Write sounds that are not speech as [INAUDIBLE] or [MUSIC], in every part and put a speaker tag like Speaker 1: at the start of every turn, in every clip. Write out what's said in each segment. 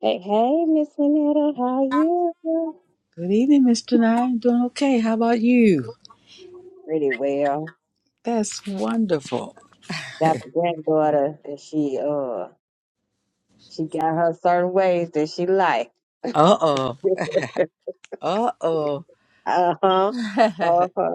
Speaker 1: Hey, hey, Miss Winetta, how are you?
Speaker 2: Good evening, Mr. Nine. Doing okay. How about you?
Speaker 1: Pretty well.
Speaker 2: That's wonderful. [LAUGHS]
Speaker 1: Got the granddaughter that she uh she got her certain ways that she like.
Speaker 2: Uh oh.
Speaker 1: [LAUGHS]
Speaker 2: Uh oh.
Speaker 1: uh huh.
Speaker 2: [LAUGHS]
Speaker 1: Uh huh.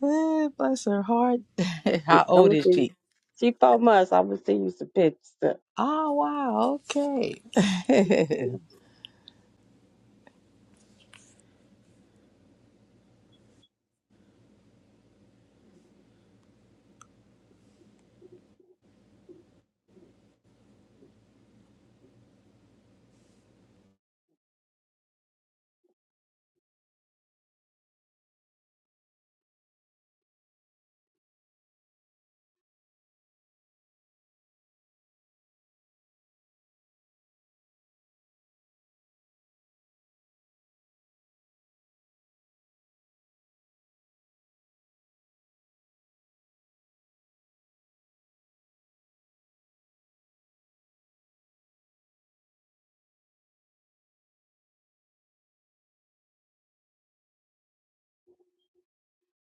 Speaker 2: Bless her heart. [LAUGHS] How old
Speaker 1: I'ma
Speaker 2: is
Speaker 1: see. You.
Speaker 2: she?
Speaker 1: She four months. I'ma see you some pictures.
Speaker 2: Oh, wow. Okay. [LAUGHS] hey,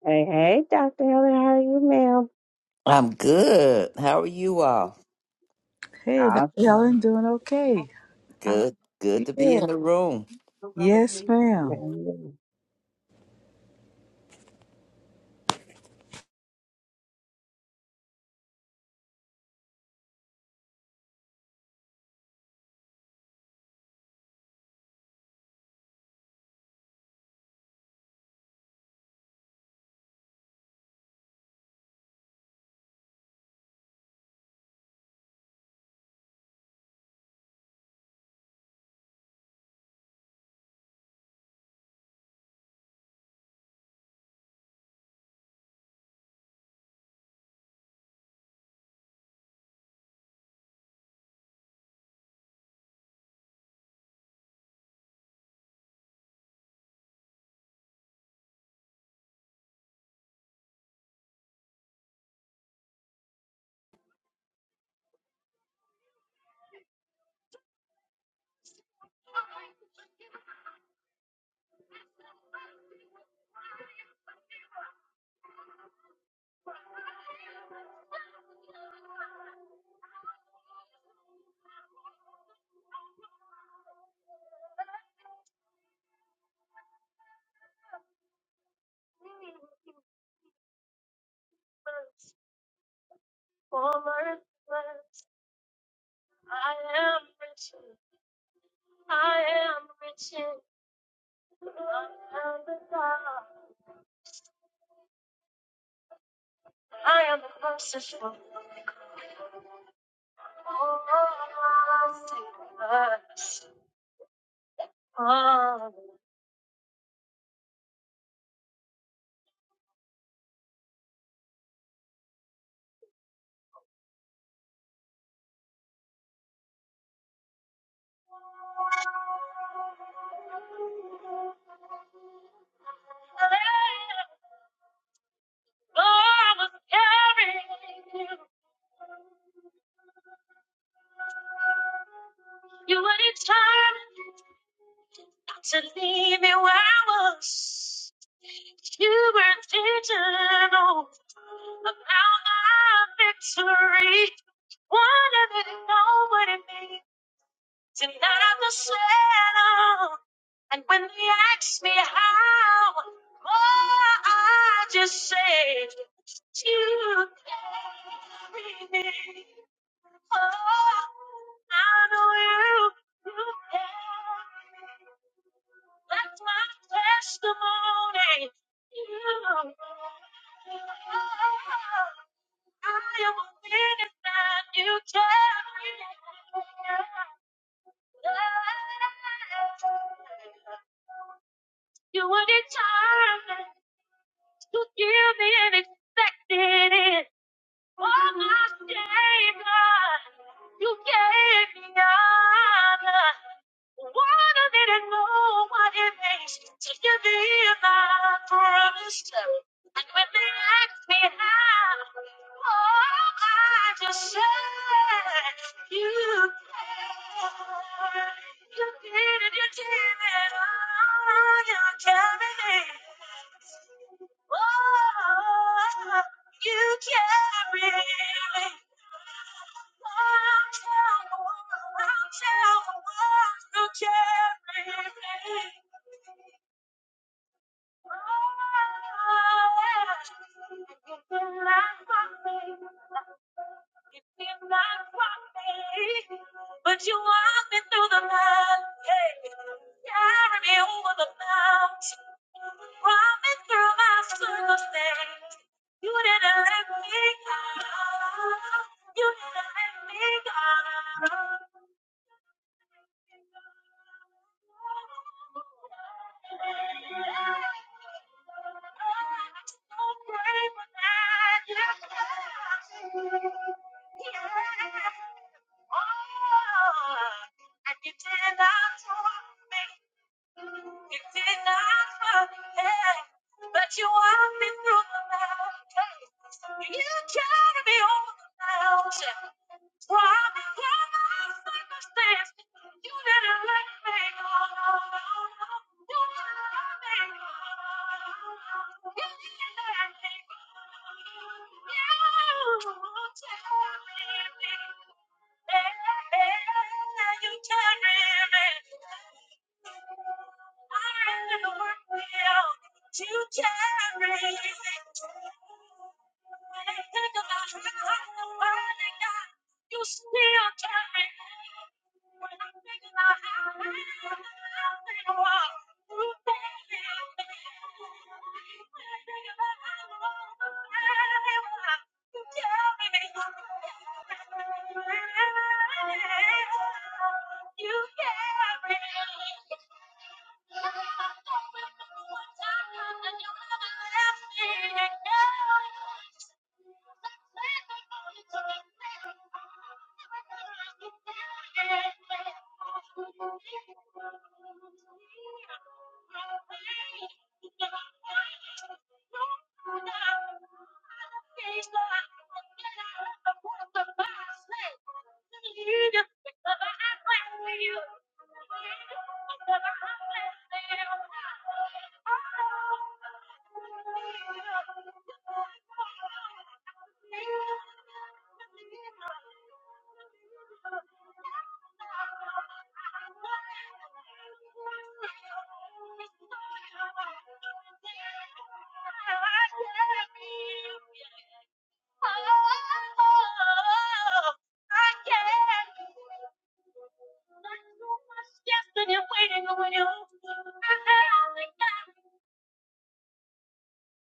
Speaker 1: Hey, hey, Doctor Helen, how are you, ma'am?
Speaker 3: I'm good. How are you all?
Speaker 2: Dr.
Speaker 1: Awesome.
Speaker 2: Helen, doing okay. How-
Speaker 3: Good. Good to be in
Speaker 2: yeah.
Speaker 3: the room.
Speaker 2: Yes,
Speaker 1: Okay.
Speaker 2: ma'am.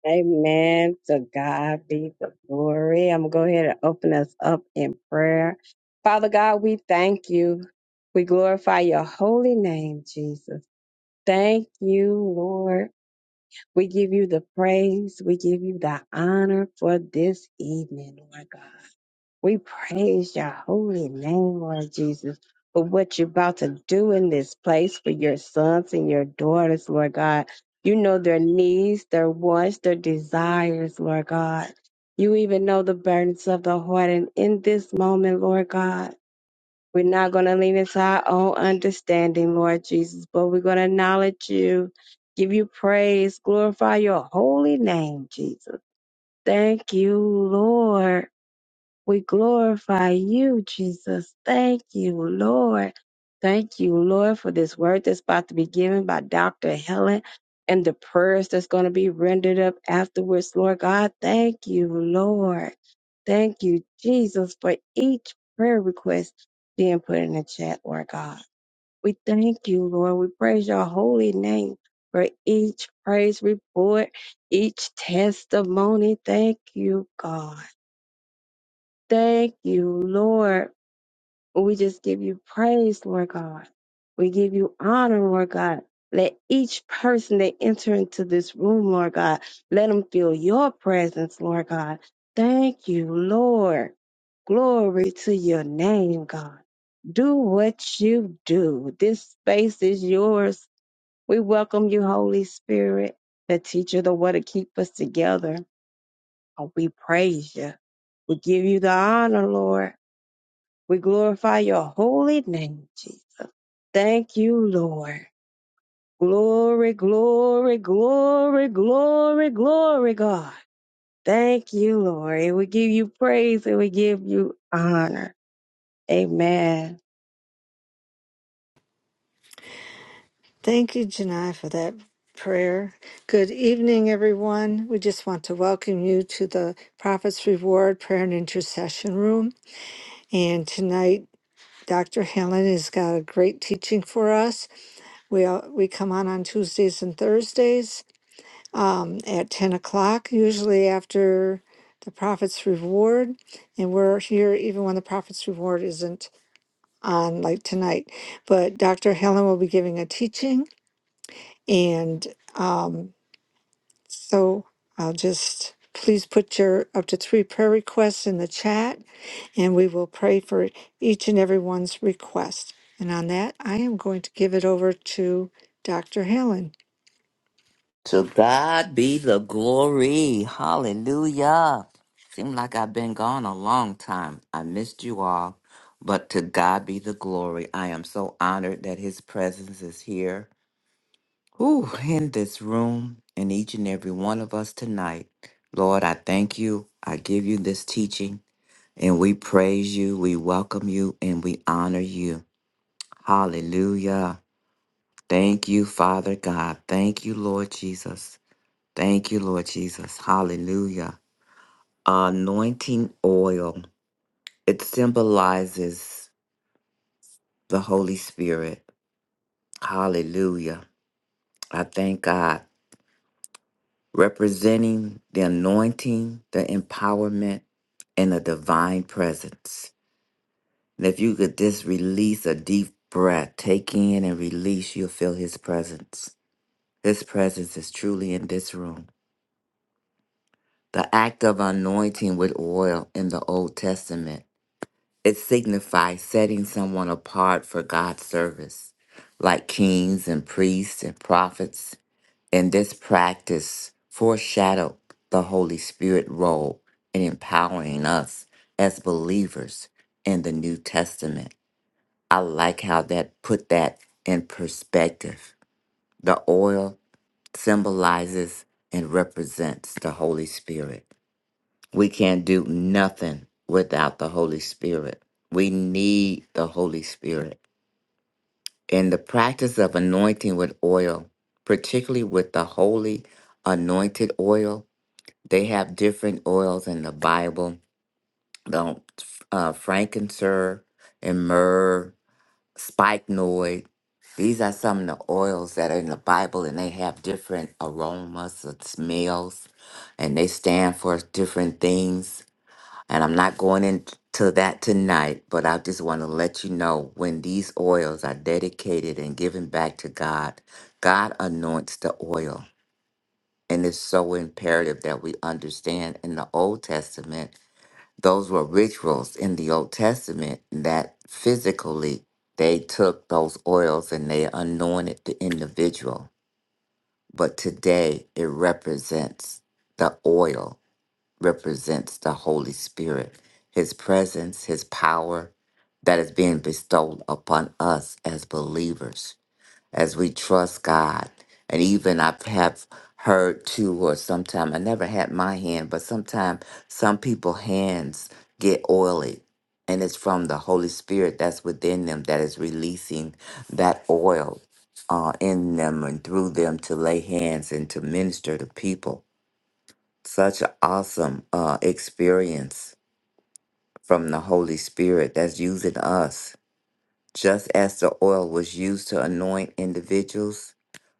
Speaker 1: Amen. To God be the glory. I'm going to go ahead and open us up in prayer. Father God, we thank you. We glorify your holy name, Jesus. Thank you, Lord. We give you the praise. We give you the honor for this evening, Lord God. We praise your holy name, Lord Jesus, for what you're about to do in this place for your sons and your daughters, Lord God. You know their needs, their wants, their desires, Lord God. You even know the burdens of the heart. And in this moment, Lord God, we're not going to lean into our own understanding, Lord Jesus, but we're going to acknowledge you, give you praise, glorify your holy name, Jesus. Thank you, Lord. We glorify you, Jesus. Thank you, Lord. Thank you, Lord, for this word that's about to be given by Dr. Helen and the prayers that's going to be rendered up afterwards, Lord God. Thank you, Lord. Thank you, Jesus, for each prayer request being put in the chat, Lord God. We thank you, Lord. We praise your holy name for each praise report, each testimony. Thank you, God. Thank you, Lord. We just give you praise, Lord God. We give you honor, Lord God. Let each person that enter into this room, Lord God, let them feel your presence, Lord God. Thank you, Lord. Glory to your name, God. Do what you do. This space is yours. We welcome you, Holy Spirit, the teacher, the way to keep us together. Oh, we praise you. We give you the honor, Lord. We glorify your holy name, Jesus. Thank you, Lord. Glory, glory, glory, glory, glory, God. Thank you, Lord. And we give you praise and we give you honor. Amen.
Speaker 4: Thank you, Janai, for that prayer. Good evening, everyone. We just want to welcome you to the Prophet's Reward Prayer and Intercession Room. And tonight, Dr. Helen has got a great teaching for us. We all- we come on on Tuesdays and Thursdays um, at ten o'clock, usually after the Prophet's Reward, and we're here even when the Prophet's Reward isn't on, like tonight. But Dr. Helen will be giving a teaching, and um, So I'll just please put your up to three prayer requests in the chat and we will pray for each and everyone's request. And on that, I am going to give it over to Dr. Helen.
Speaker 3: To God be the glory. Hallelujah. Seemed like I've been gone a long time. I missed you all, but to God be the glory. I am so honored that His presence is here. Whew, in this room, and each and every one of us tonight. Lord, I thank you. I give you this teaching, and we praise you, we welcome you, and we honor you. Hallelujah. Thank you, Father God. Thank you, Lord Jesus. Thank you, Lord Jesus. Hallelujah. Anointing oil, it symbolizes the Holy Spirit. Hallelujah. I thank God. Representing the anointing, the empowerment, and the divine presence. And if you could just release a deep breath, take in and release, you'll feel His presence. His presence is truly in this room. The act of anointing with oil in the Old Testament, it signifies setting someone apart for God's service, like kings and priests and prophets. And this practice foreshadowed the Holy Spirit role in empowering us as believers in the New Testament. I like how that put that in perspective. The oil symbolizes and represents the Holy Spirit we can't do nothing without the Holy Spirit. We need the Holy Spirit. And the practice of anointing with oil, particularly with the holy anointed oil, they have different oils in the Bible. The uh, frankincense and myrrh, spikenard. These are some of the oils that are in the Bible, and they have different aromas and smells, and they stand for different things and I'm not going into that tonight, but I just want to let you know when these oils are dedicated and given back to God, God anoints the oil. And it's so imperative that we understand in the Old Testament, those were rituals in the Old Testament that physically they took those oils and they anointed the individual. But today it represents the oil represents the Holy Spirit, His presence, His power that is being bestowed upon us as believers, as we trust God. And even I have heard too, or sometime I never had my hand, but sometime some people hands get oily. And it's from the Holy Spirit that's within them that is releasing that oil uh, in them and through them to lay hands and to minister to people such an awesome uh, experience from the Holy Spirit that's using us. Just as the oil was used to anoint individuals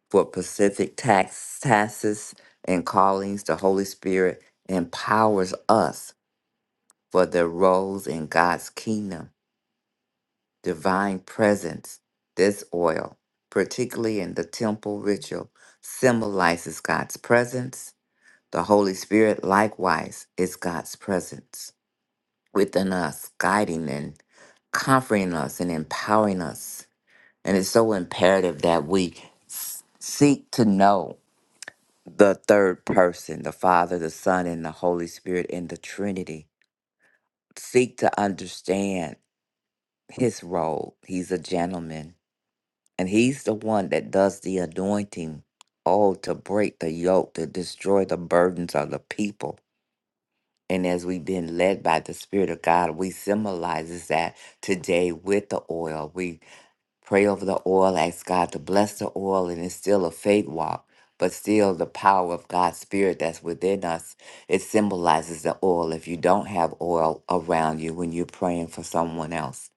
Speaker 3: for specific tax, tasks and callings, the Holy Spirit empowers us for the roles in God's kingdom, divine presence. This oil, particularly in the temple ritual, symbolizes God's presence. The Holy Spirit likewise is God's presence. within us, guiding and comforting us and empowering us. And it's so imperative that we seek to know the third person, the Father, the Son, and the Holy Spirit in the Trinity. Seek to understand his role. He's a gentleman, and he's the one that does the anointing. Oh, to break the yoke, to destroy the burdens of the people. And as we've been led by the Spirit of God, we symbolizes that today with the oil. we. Pray over the oil, ask God to bless the oil, and it's still a faith walk, but still the power of God's Spirit that's within us. It symbolizes the oil. If you don't have oil around you when you're praying for someone else,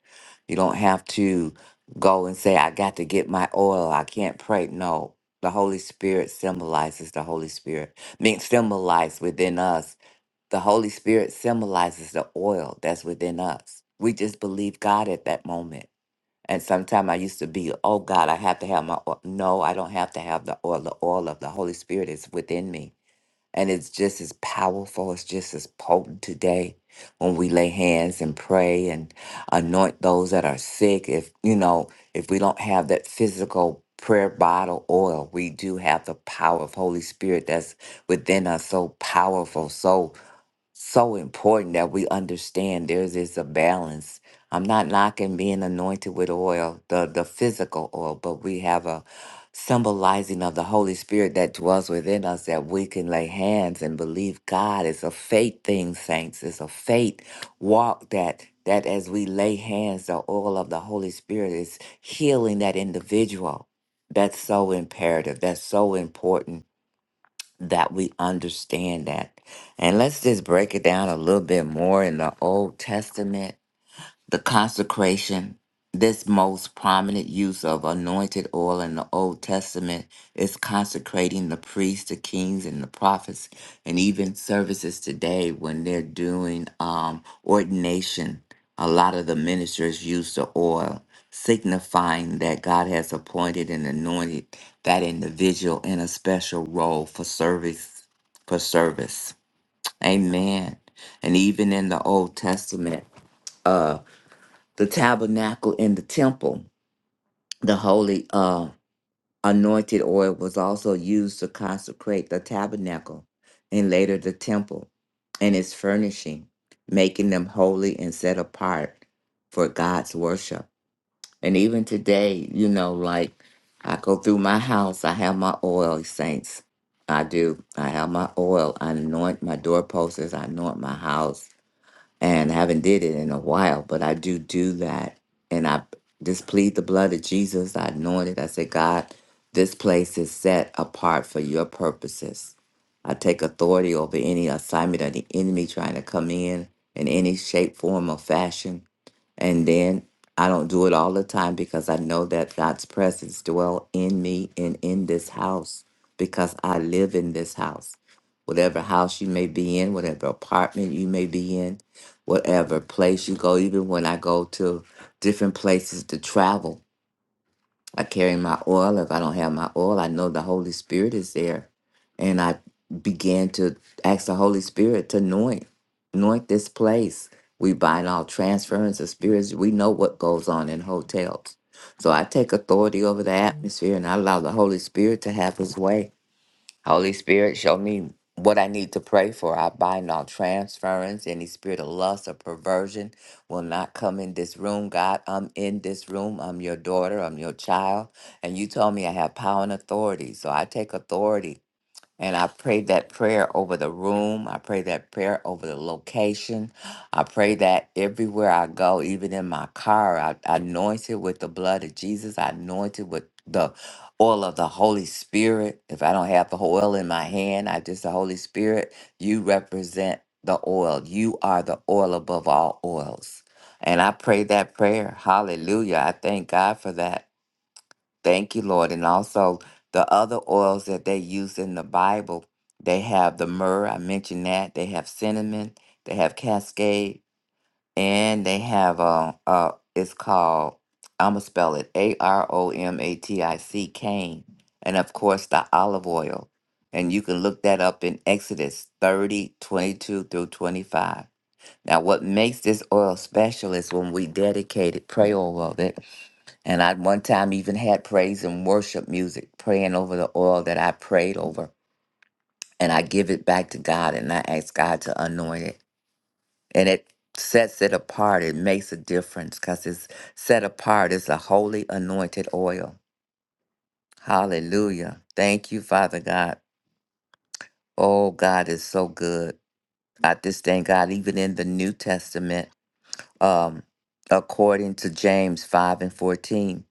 Speaker 3: you don't have to go and say, I got to get my oil. I can't pray. No, the Holy Spirit symbolizes the Holy Spirit, mean, symbolized within us. The Holy Spirit symbolizes the oil that's within us. We just believe God at that moment. And sometimes I used to be, oh God, I have to have my oil. No, I don't have to have the oil. The oil of the Holy Spirit is within me. And it's just as powerful, it's just as potent today when we lay hands and pray and anoint those that are sick. If, you know, if we don't have that physical prayer bottle oil, we do have the power of Holy Spirit that's within us so powerful. so so important that we understand there is a balance. I'm not knocking being anointed with oil, the, the physical oil, but we have a symbolizing of the Holy Spirit that dwells within us that we can lay hands and believe God. It's a faith thing, saints. It's a faith walk that that as we lay hands, the oil of the Holy Spirit is healing that individual. That's so imperative. That's so important that we understand that. And let's just break it down a little bit more in the Old Testament the consecration, this most prominent use of anointed oil in the Old Testament is consecrating the priests, the kings, and the prophets, and even services today when they're doing um, ordination. A lot of the ministers use the oil, signifying that God has appointed and anointed that individual in a special role for service. For service, Amen. And even in the Old Testament. uh, the tabernacle in the temple. The holy uh, anointed oil was also used to consecrate the tabernacle and later the temple and its furnishing, making them holy and set apart for God's worship. And even today, you know, like I go through my house, I have my oil, saints. I do. I have my oil. I anoint my doorposts. I anoint my house and I haven't did it in a while, but I do do that. And I just plead the blood of Jesus. I anoint it. I say, God, this place is set apart for your purposes. I take authority over any assignment of the enemy trying to come in in any shape, form, or fashion. And then I don't do it all the time because I know that God's presence dwell in me and in this house because I live in this house. Whatever house you may be in, whatever apartment you may be in, whatever place you go, even when I go to different places to travel, I carry my oil. If I don't have my oil, I know the Holy Spirit is there. And I began to ask the Holy Spirit to anoint, anoint this place. We bind all transference of spirits. We know what goes on in hotels. So I take authority over the atmosphere and I allow the Holy Spirit to have his way. Holy Spirit, show me what I need to pray for. I bind all transference. Any spirit of lust or perversion will not come in this room. God, I'm in this room. I'm your daughter. I'm your child. And you told me I have power and authority. So I take authority and I pray that prayer over the room. I pray that prayer over the location. I pray that everywhere I go, even in my car, I, I anoint it with the blood of Jesus. I anoint it with the oil of the Holy Spirit. If I don't have the oil in my hand, I just the Holy Spirit. You represent the oil. You are the oil above all oils. And I pray that prayer. Hallelujah. I thank God for that. Thank you, Lord. And also the other oils that they use in the Bible, they have the myrrh, I mentioned that. They have cinnamon, they have cascade, and they have uh uh it's called I'ma spell it A R O M A T I C cane. And of course the olive oil. And you can look that up in Exodus 30 22 through 25. Now, what makes this oil special is when we dedicate it, pray over it and I one time even had praise and worship music, praying over the oil that I prayed over. And I give it back to God and I ask God to anoint it. And it sets it apart. It makes a difference because it's set apart. It's a holy anointed oil. Hallelujah. Thank you, Father God. Oh, God is so good. I just thank God, even in the New Testament, um, according to James 5 and 14.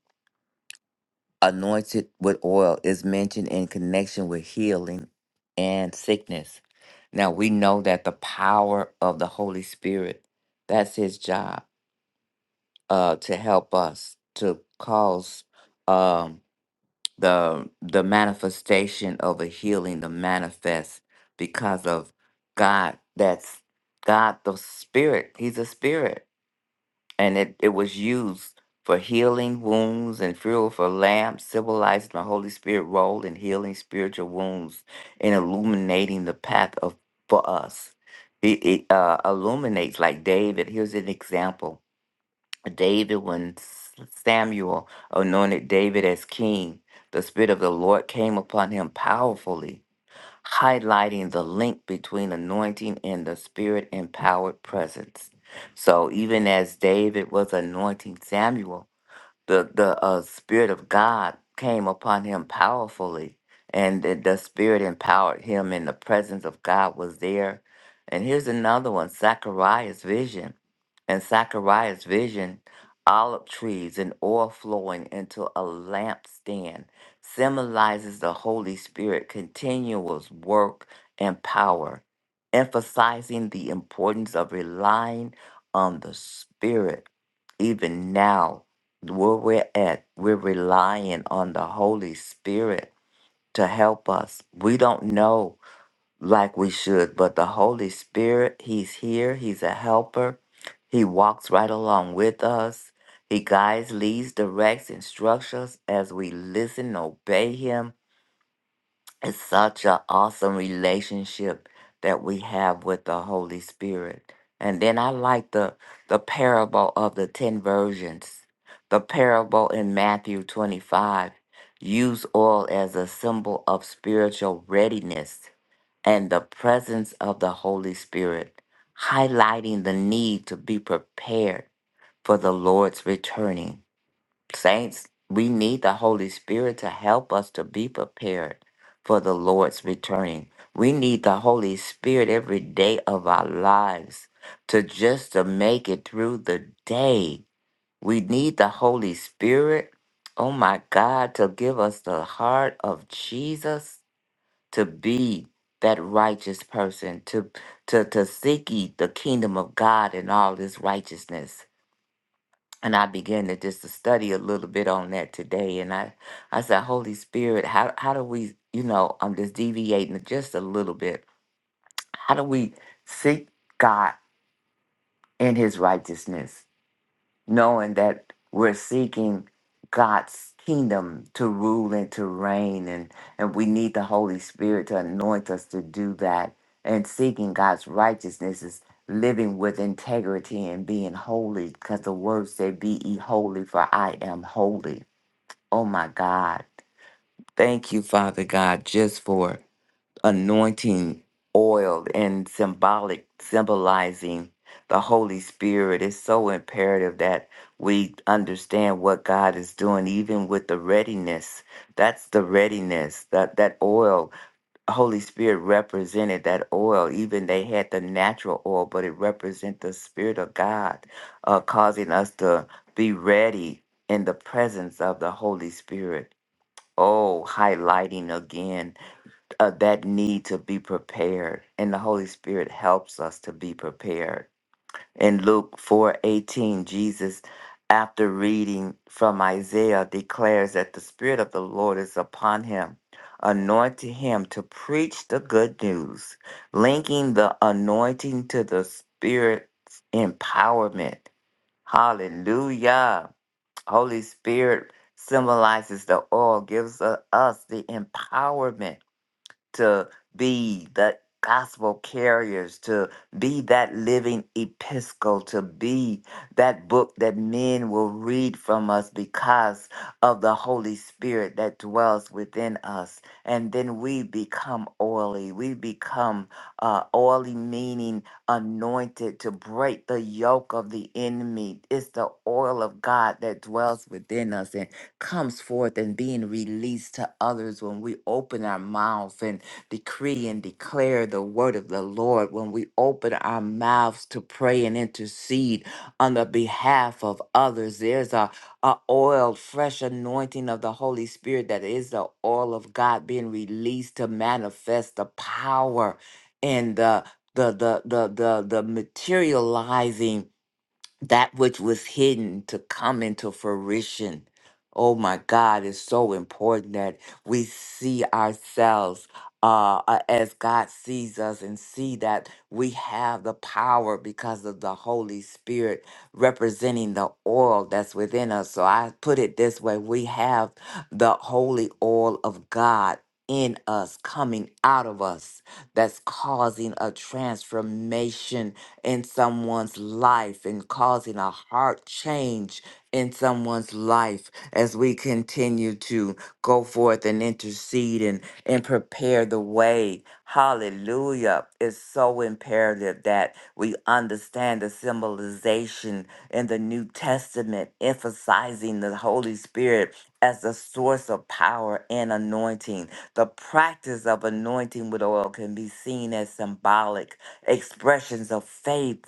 Speaker 3: anointed with oil is mentioned in connection with healing and sickness. Now we know that the power of the Holy Spirit, that's his job, uh, to help us to cause um the the manifestation of a healing to manifest because of God that's God the spirit. He's a spirit and it, it was used for healing wounds and fuel for lamps, symbolizing the Holy Spirit role in healing spiritual wounds and illuminating the path of for us. It, it uh, illuminates like David. Here's an example: David, when S- Samuel anointed David as king, the Spirit of the Lord came upon him powerfully highlighting the link between anointing and the spirit empowered presence. So even as David was anointing Samuel, the the uh, spirit of God came upon him powerfully, and the, the spirit empowered him, and the presence of God was there. And here's another one: Zachariah's vision, and Zachariah's vision, olive trees and oil flowing into a lampstand symbolizes the Holy Spirit continuous work and power, emphasizing the importance of relying on the Spirit even now where we're at, we're relying on the Holy Spirit to help us. We don't know like we should, but the Holy Spirit, He's here, He's a helper. He walks right along with us. He guides, leads, directs, instructs us as we listen, and obey Him, it's such an awesome relationship that we have with the Holy Spirit. And then I like the the parable of the ten virgins. The parable in Matthew 25 use oil as a symbol of spiritual readiness and the presence of the Holy Spirit, highlighting the need to be prepared for the Lord's returning. Saints, we need the Holy Spirit to help us to be prepared for the Lord's returning. We need the Holy Spirit every day of our lives to just to make it through the day. We need the Holy Spirit, oh my God, to give us the heart of Jesus to be that righteous person, to to to seek ye the kingdom of God and all his righteousness and I began to just to study a little bit on that today. And I, I said, Holy Spirit, how how do we, you know, I'm just deviating just a little bit. How do we seek God in His righteousness? knowing that we're seeking God's kingdom to rule and to reign and and we need the Holy Spirit to anoint us to do that and seeking God's righteousness is living with integrity and being holy because the word said be ye holy for I am holy oh my God thank you Father God just for anointing oil and symbolic symbolizing the holy spirit it's so imperative that we understand what god is doing even with the readiness that's the readiness that that oil holy spirit represented that oil even they had the natural oil but it represents the spirit of god uh, causing us to be ready in the presence of the holy spirit oh highlighting again uh, that need to be prepared and the holy spirit helps us to be prepared in luke 4:18 jesus after reading from isaiah declares that the spirit of the lord is upon him anointing him to preach the good news linking the anointing to the spirit's empowerment hallelujah holy spirit symbolizes the oil gives uh, us the empowerment to be the gospel carriers, to be that living epistle, to be that book that men will read from us because of the Holy Spirit that dwells within us. And then we become oily. We become uh, oily, meaning anointed to break the yoke of the enemy. It's the oil of God that dwells within us and comes forth and being released to others when we open our mouths and decree and declare the word of the Lord, when we open our mouths to pray and intercede on the behalf of others, there's a, a oil, fresh anointing of the Holy Spirit that is the oil of God being released to manifest the power and the the the the the, the materializing that which was hidden to come into fruition. Oh my God, it's so important that we see ourselves uh, uh, as God sees us and see that we have the power because of the Holy Spirit representing the oil that's within us. So I put it this way we have the holy oil of God. In us, coming out of us, that's causing a transformation in someone's life and causing a heart change in someone's life as we continue to go forth and intercede and, and prepare the way. Hallelujah. It's so imperative that we understand the symbolization in the New Testament, emphasizing the Holy Spirit as the source of power and anointing the practice of anointing with oil can be seen as symbolic expressions of faith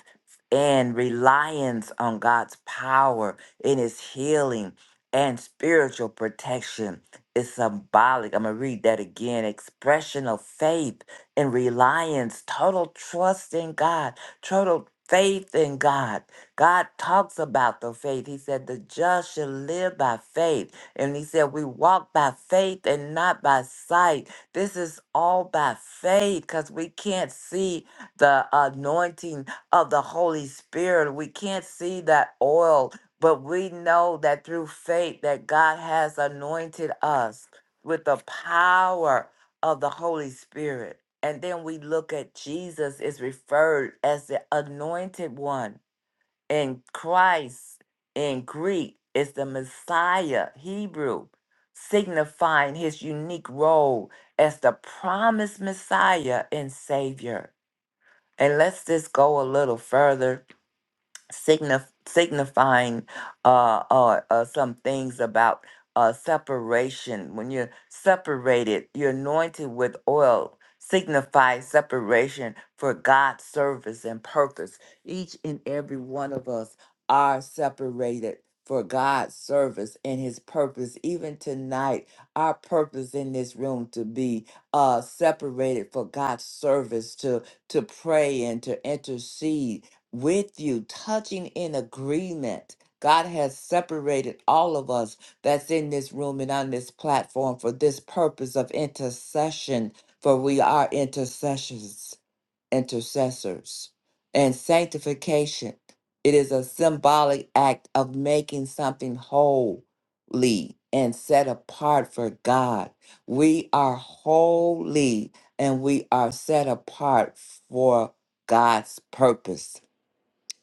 Speaker 3: and reliance on God's power in his healing and spiritual protection. It's symbolic. I'm going to read that again. Expression of faith and reliance, total trust in God, total faith in God. God talks about the faith. He said, The just shall live by faith. And he said, We walk by faith and not by sight. This is all by faith because we can't see the anointing of the Holy Spirit. We can't see that oil, but we know that through faith that God has anointed us with the power of the Holy Spirit. And then we look at Jesus is referred as the anointed one in Christ in Greek is the Messiah, Hebrew, signifying his unique role as the promised Messiah and Savior. And let's just go a little further signif- signifying uh, uh, uh, some things about uh, separation. When you're separated, you're anointed with oil, signifies separation for God's service and purpose. Each and every one of us are separated. For God's service and His purpose, even tonight, our purpose in this room to be uh, separated for God's service, to to pray and to intercede, with you, touching in agreement. God has separated all of us that's in this room and on this platform for this purpose of intercession, for we are intercessions, intercessors, and sanctification. It is a symbolic act of making something holy and set apart for God. We are holy and we are set apart for God's purpose.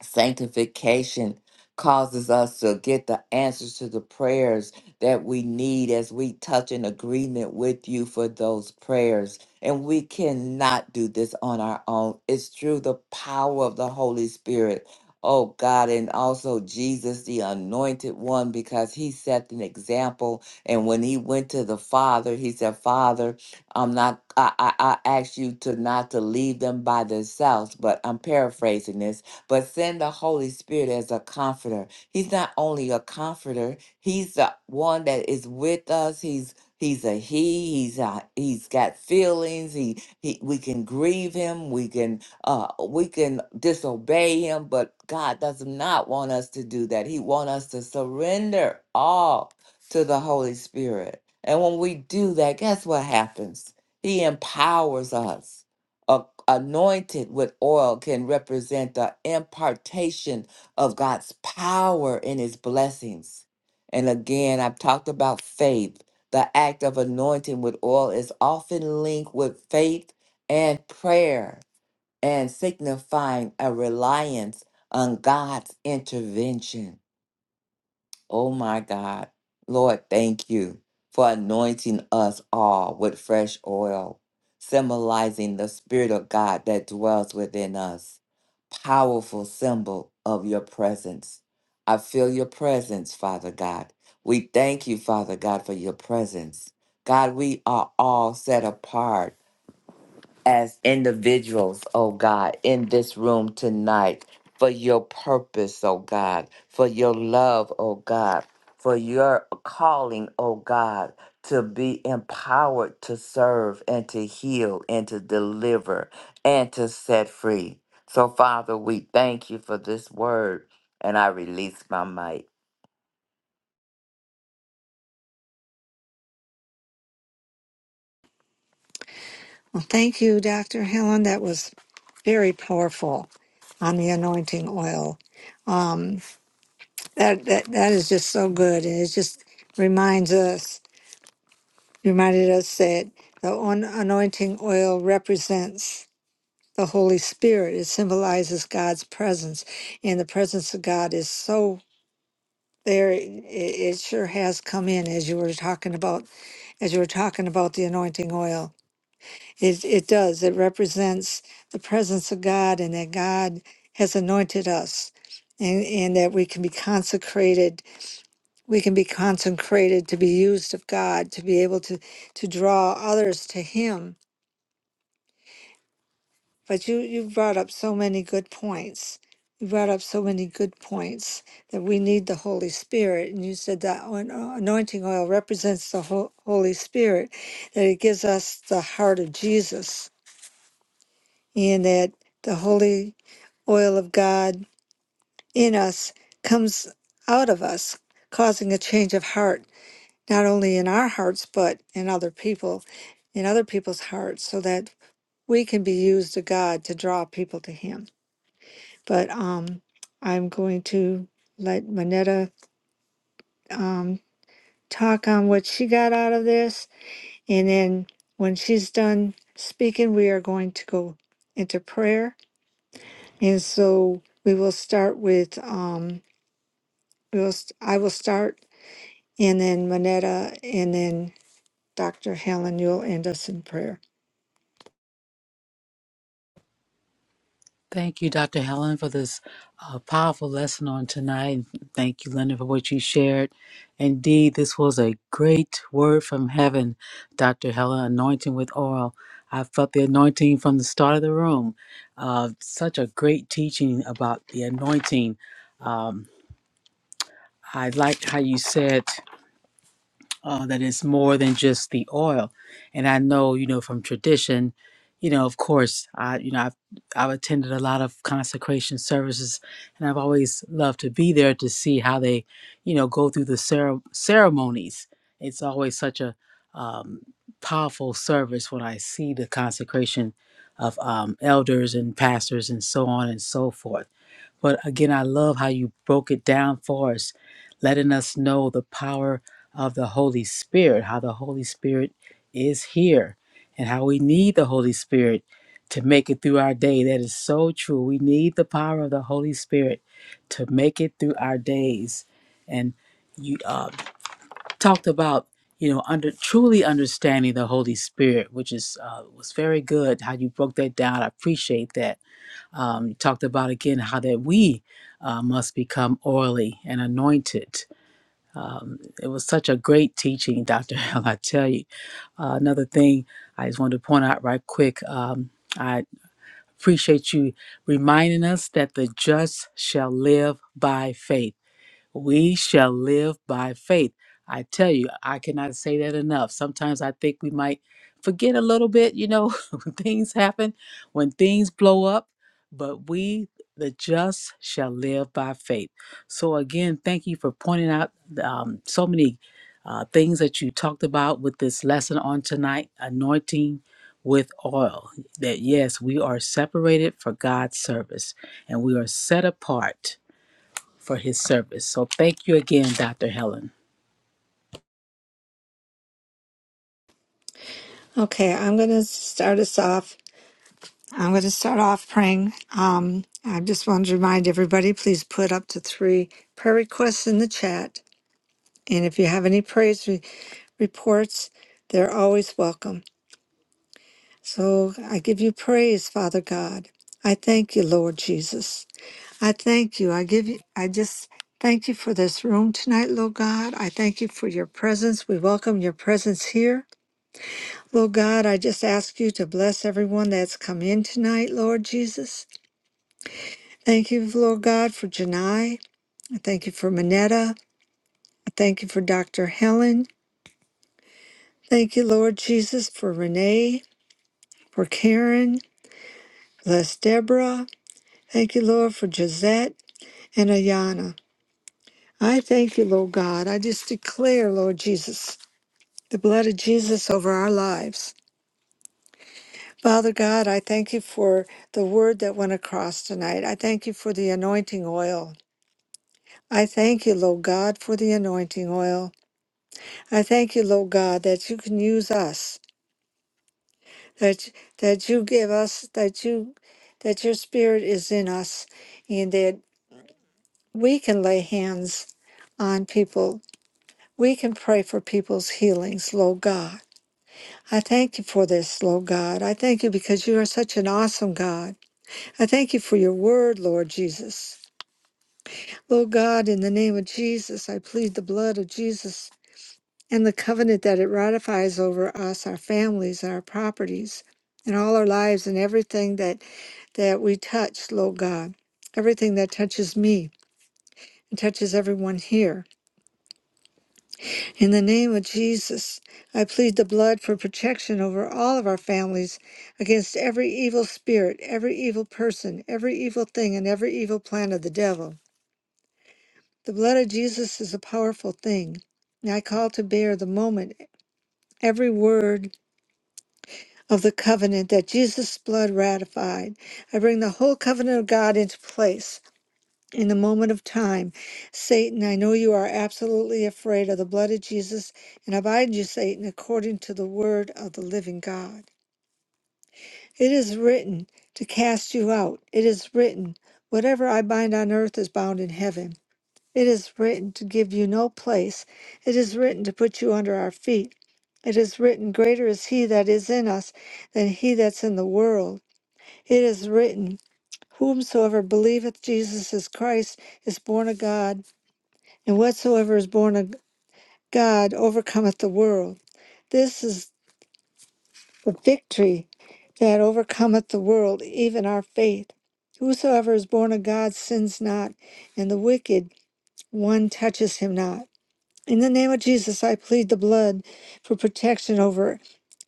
Speaker 3: Sanctification causes us to get the answers to the prayers that we need as we touch in agreement with you for those prayers. And we cannot do this on our own. It's through the power of the Holy Spirit. Oh God, and also Jesus, the anointed one, because he set an example. And when he went to the Father, he said, Father, I'm not I, I, I ask you to not to leave them by themselves, but I'm paraphrasing this but send the Holy Spirit as a comforter. He's not only a comforter, he's the one that is with us. He's he's a he. He's a, he's got feelings. He, he we can grieve him. We can uh we can disobey him, but God does not want us to do that. He wants us to surrender all to the Holy Spirit. And when we do that, guess what happens? He empowers us a- anointed with oil can represent the impartation of God's power and his blessings. And again, I've talked about faith. The act of anointing with oil is often linked with faith and prayer and signifying a reliance on God's intervention. Oh my God. Lord, thank you for anointing us all with fresh oil, symbolizing the Spirit of God that dwells within us. Powerful symbol of your presence. I feel your presence, Father God. We thank you, Father God, for your presence. God, we are all set apart as individuals, oh God, in this room tonight for your purpose, oh God, for your love, oh God, for your calling, oh God, to be empowered to serve and to heal and to deliver and to set free. So, Father, we thank you for this word, and I release my might.
Speaker 4: Well, thank you, Dr. Helen. That was very powerful on the anointing oil. Um, that, that, that is just so good. And it just reminds us, reminded us that the on- anointing oil represents the Holy Spirit. It symbolizes God's presence, and the presence of God is so there. It, it sure has come in as you were talking about, as you were talking about the anointing oil. It it does. It represents the presence of God, and that God has anointed us, and and that we can be consecrated. We can be consecrated to be used of God, to be able to to draw others to Him But you, you brought up so many good points. You brought up so many good points that we need the Holy Spirit. And you said that on- uh, anointing oil represents the Ho- Holy Spirit, that it gives us the heart of Jesus, and that the Holy oil of God in us comes out of us, causing a change of heart, not only in our hearts, but in other people, in other people's hearts, so that we can be used to God to draw people to Him. but um, I'm going to let Manetta um, talk on what she got out of this. And then when she's done speaking, we are going to go into prayer. And so we will start with, um, we will, st- I will start, and then Manetta, and then Dr. Helen, you'll end us in prayer.
Speaker 2: Thank you, Dr. Helen, for this uh, powerful lesson on tonight. Thank you, Linda, for what you shared. Indeed, this was a great word from heaven, Dr. Helen, anointing with oil. I felt the anointing from the start of the room. Uh, such a great teaching about the anointing. I liked how you said. uh, that it's more than just the oil. And I know, you know, from tradition, you know, of course, I, you know, I've, I've attended a lot of consecration services and I've always loved to be there to see how they, you know, go through the cere- ceremonies. It's always such a um, powerful service when I see the consecration of um, elders and pastors and so on and so forth. But again, I love how you broke it down for us, letting us know the power of the Holy Spirit, how the Holy Spirit is here, and how we need the Holy Spirit to make it through our day. That is so true. We need the power of the Holy Spirit to make it through our days. And you uh, talked about you know under truly understanding the Holy Spirit, which is uh, was very good. How you broke that down, I appreciate that um, you talked about again how that we uh, must become oily and anointed. Um, it was such a great teaching, Dr. Hell, I tell you. Uh, another thing I just wanted to point out right quick um, I appreciate you reminding us that the just shall live by faith. We shall live by faith. I tell you, I cannot say that enough. Sometimes I think we might forget a little bit, you know, [LAUGHS] when things happen, when things blow up, but we, the just, shall live by faith. So, again, thank you for pointing out um, so many uh, things that you talked about with this lesson on tonight anointing with oil. That yes, we are separated for God's service and we are set apart for his service. So thank you again, Dr. Helen.
Speaker 4: Okay, I'm going to start us off I'm going to start off praying. Um, I just wanted to remind everybody please put up to three prayer requests in the chat. And if you have any praise re- reports, they're always welcome. So I give you praise, Father God. I thank you, Lord Jesus. I thank you. I give you, I just thank you for this room tonight, Lord God. I thank you for your presence. We welcome your presence here. Lord God, I just ask you to bless everyone that's come in tonight, Lord Jesus. Thank you, Lord God, for Janai. I thank you for Minetta. I thank you for Dr. Helen. Thank you, Lord Jesus, for Renee, for Karen. Bless Deborah. Thank you, Lord, for Gisette and Ayana. I thank you, Lord God. I just declare, Lord Jesus, the blood of Jesus over our lives. Father God, I thank you for the word that went across tonight. I thank you for the anointing oil. I thank you, Lord God, for the anointing oil. I thank you, Lord God, that you can use us, that that you give us, that you that your spirit is in us, and that we can lay hands on people. We can pray for people's healings, Lord God. I thank you for this, Lord God. I thank you because you are such an awesome God. I thank you for your word, Lord Jesus. Lord God, in the name of Jesus, I plead the blood of Jesus and the covenant that it ratifies over us, our families, our properties, and all our lives and everything that that we touch, Lord God. Everything that touches me and touches everyone here. In the name of Jesus, I plead the blood for protection over all of our families against every evil spirit, every evil person, every evil thing, and every evil plan of the devil. The blood of Jesus is a powerful thing. And I call to bear the moment every word of the covenant that Jesus' blood ratified. I bring the whole covenant of God into place. In the moment of time, Satan, I know you are absolutely afraid of the blood of Jesus, and I bind you, Satan, according to the word of the living God. It is written to cast you out. It is written, whatever I bind on earth is bound in heaven. It is written to give you no place. It is written to put you under our feet. It is written, Greater is he that is in us than he that's in the world. It is written, Whomsoever believeth Jesus is Christ is born of God, and whatsoever is born of God overcometh the world. This is the victory that overcometh the world, even our faith. Whosoever is born of God sins not, and the wicked one touches him not. In the name of Jesus, I plead the blood for protection over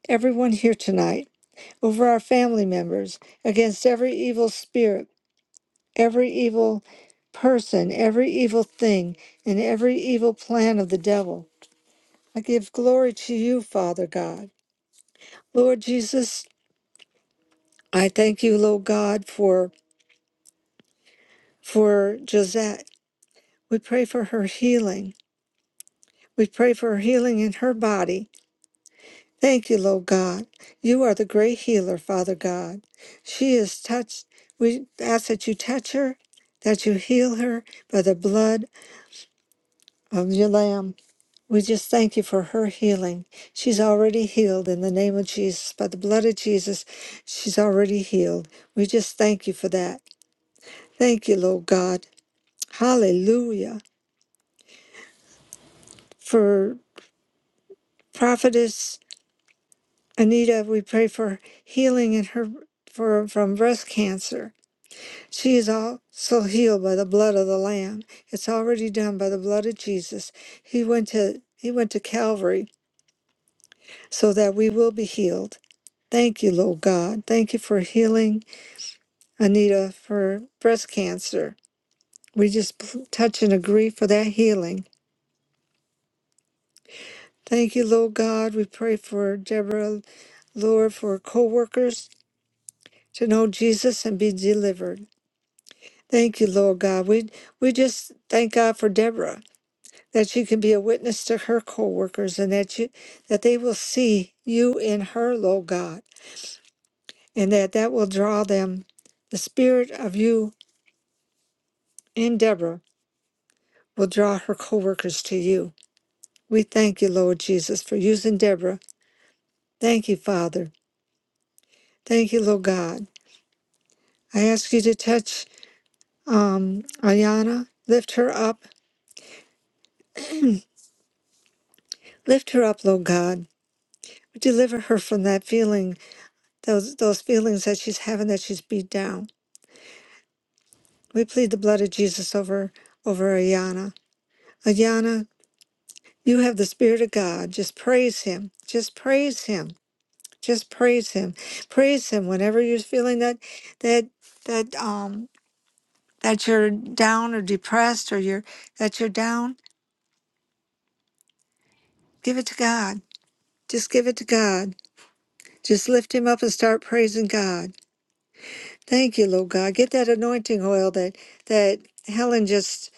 Speaker 4: everyone here tonight, over our family members, against every evil spirit every evil person, every evil thing, and every evil plan of the devil. I give glory to you, Father God. Lord Jesus, I thank you, Lord God, for for Josette. We pray for her healing. We pray for her healing in her body. Thank you, Lord God. You are the great healer, Father God. She is touched. We ask that you touch her, that you heal her by the blood of your Lamb. We just thank you for her healing. She's already healed in the name of Jesus. By the blood of Jesus, she's already healed. We just thank you for that. Thank you, Lord God. Hallelujah. For prophetess Anita, we pray for healing in her for, from breast cancer. She is also healed by the blood of the Lamb. It's already done by the blood of Jesus. He went to he went to Calvary so that we will be healed. Thank you, Lord God. Thank you for healing Anita for breast cancer. We just p- touch and agree for that healing. Thank you, Lord God. We pray for Deborah, Lord, for co workers to know Jesus and be delivered. Thank you, Lord God. We, we just thank God for Deborah that she can be a witness to her co workers and that, you, that they will see you in her, Lord God, and that that will draw them. The spirit of you in Deborah will draw her co workers to you. We thank you, Lord Jesus, for using Deborah. Thank you, Father. Thank you, Lord God. I ask you to touch um, Ayana, lift her up, lift her up, Lord God. Deliver her from that feeling, those those feelings that she's having that she's beat down. We plead the blood of Jesus over over Ayana. Ayana, you have the Spirit of God. Just praise Him. Just praise Him. Just praise Him. Praise Him whenever you're feeling that that that um that you're down or depressed or you're that you're down, give it to God. Just give it to God. Just lift him up and start praising God. Thank you, Lord God. Get that anointing oil that that Helen just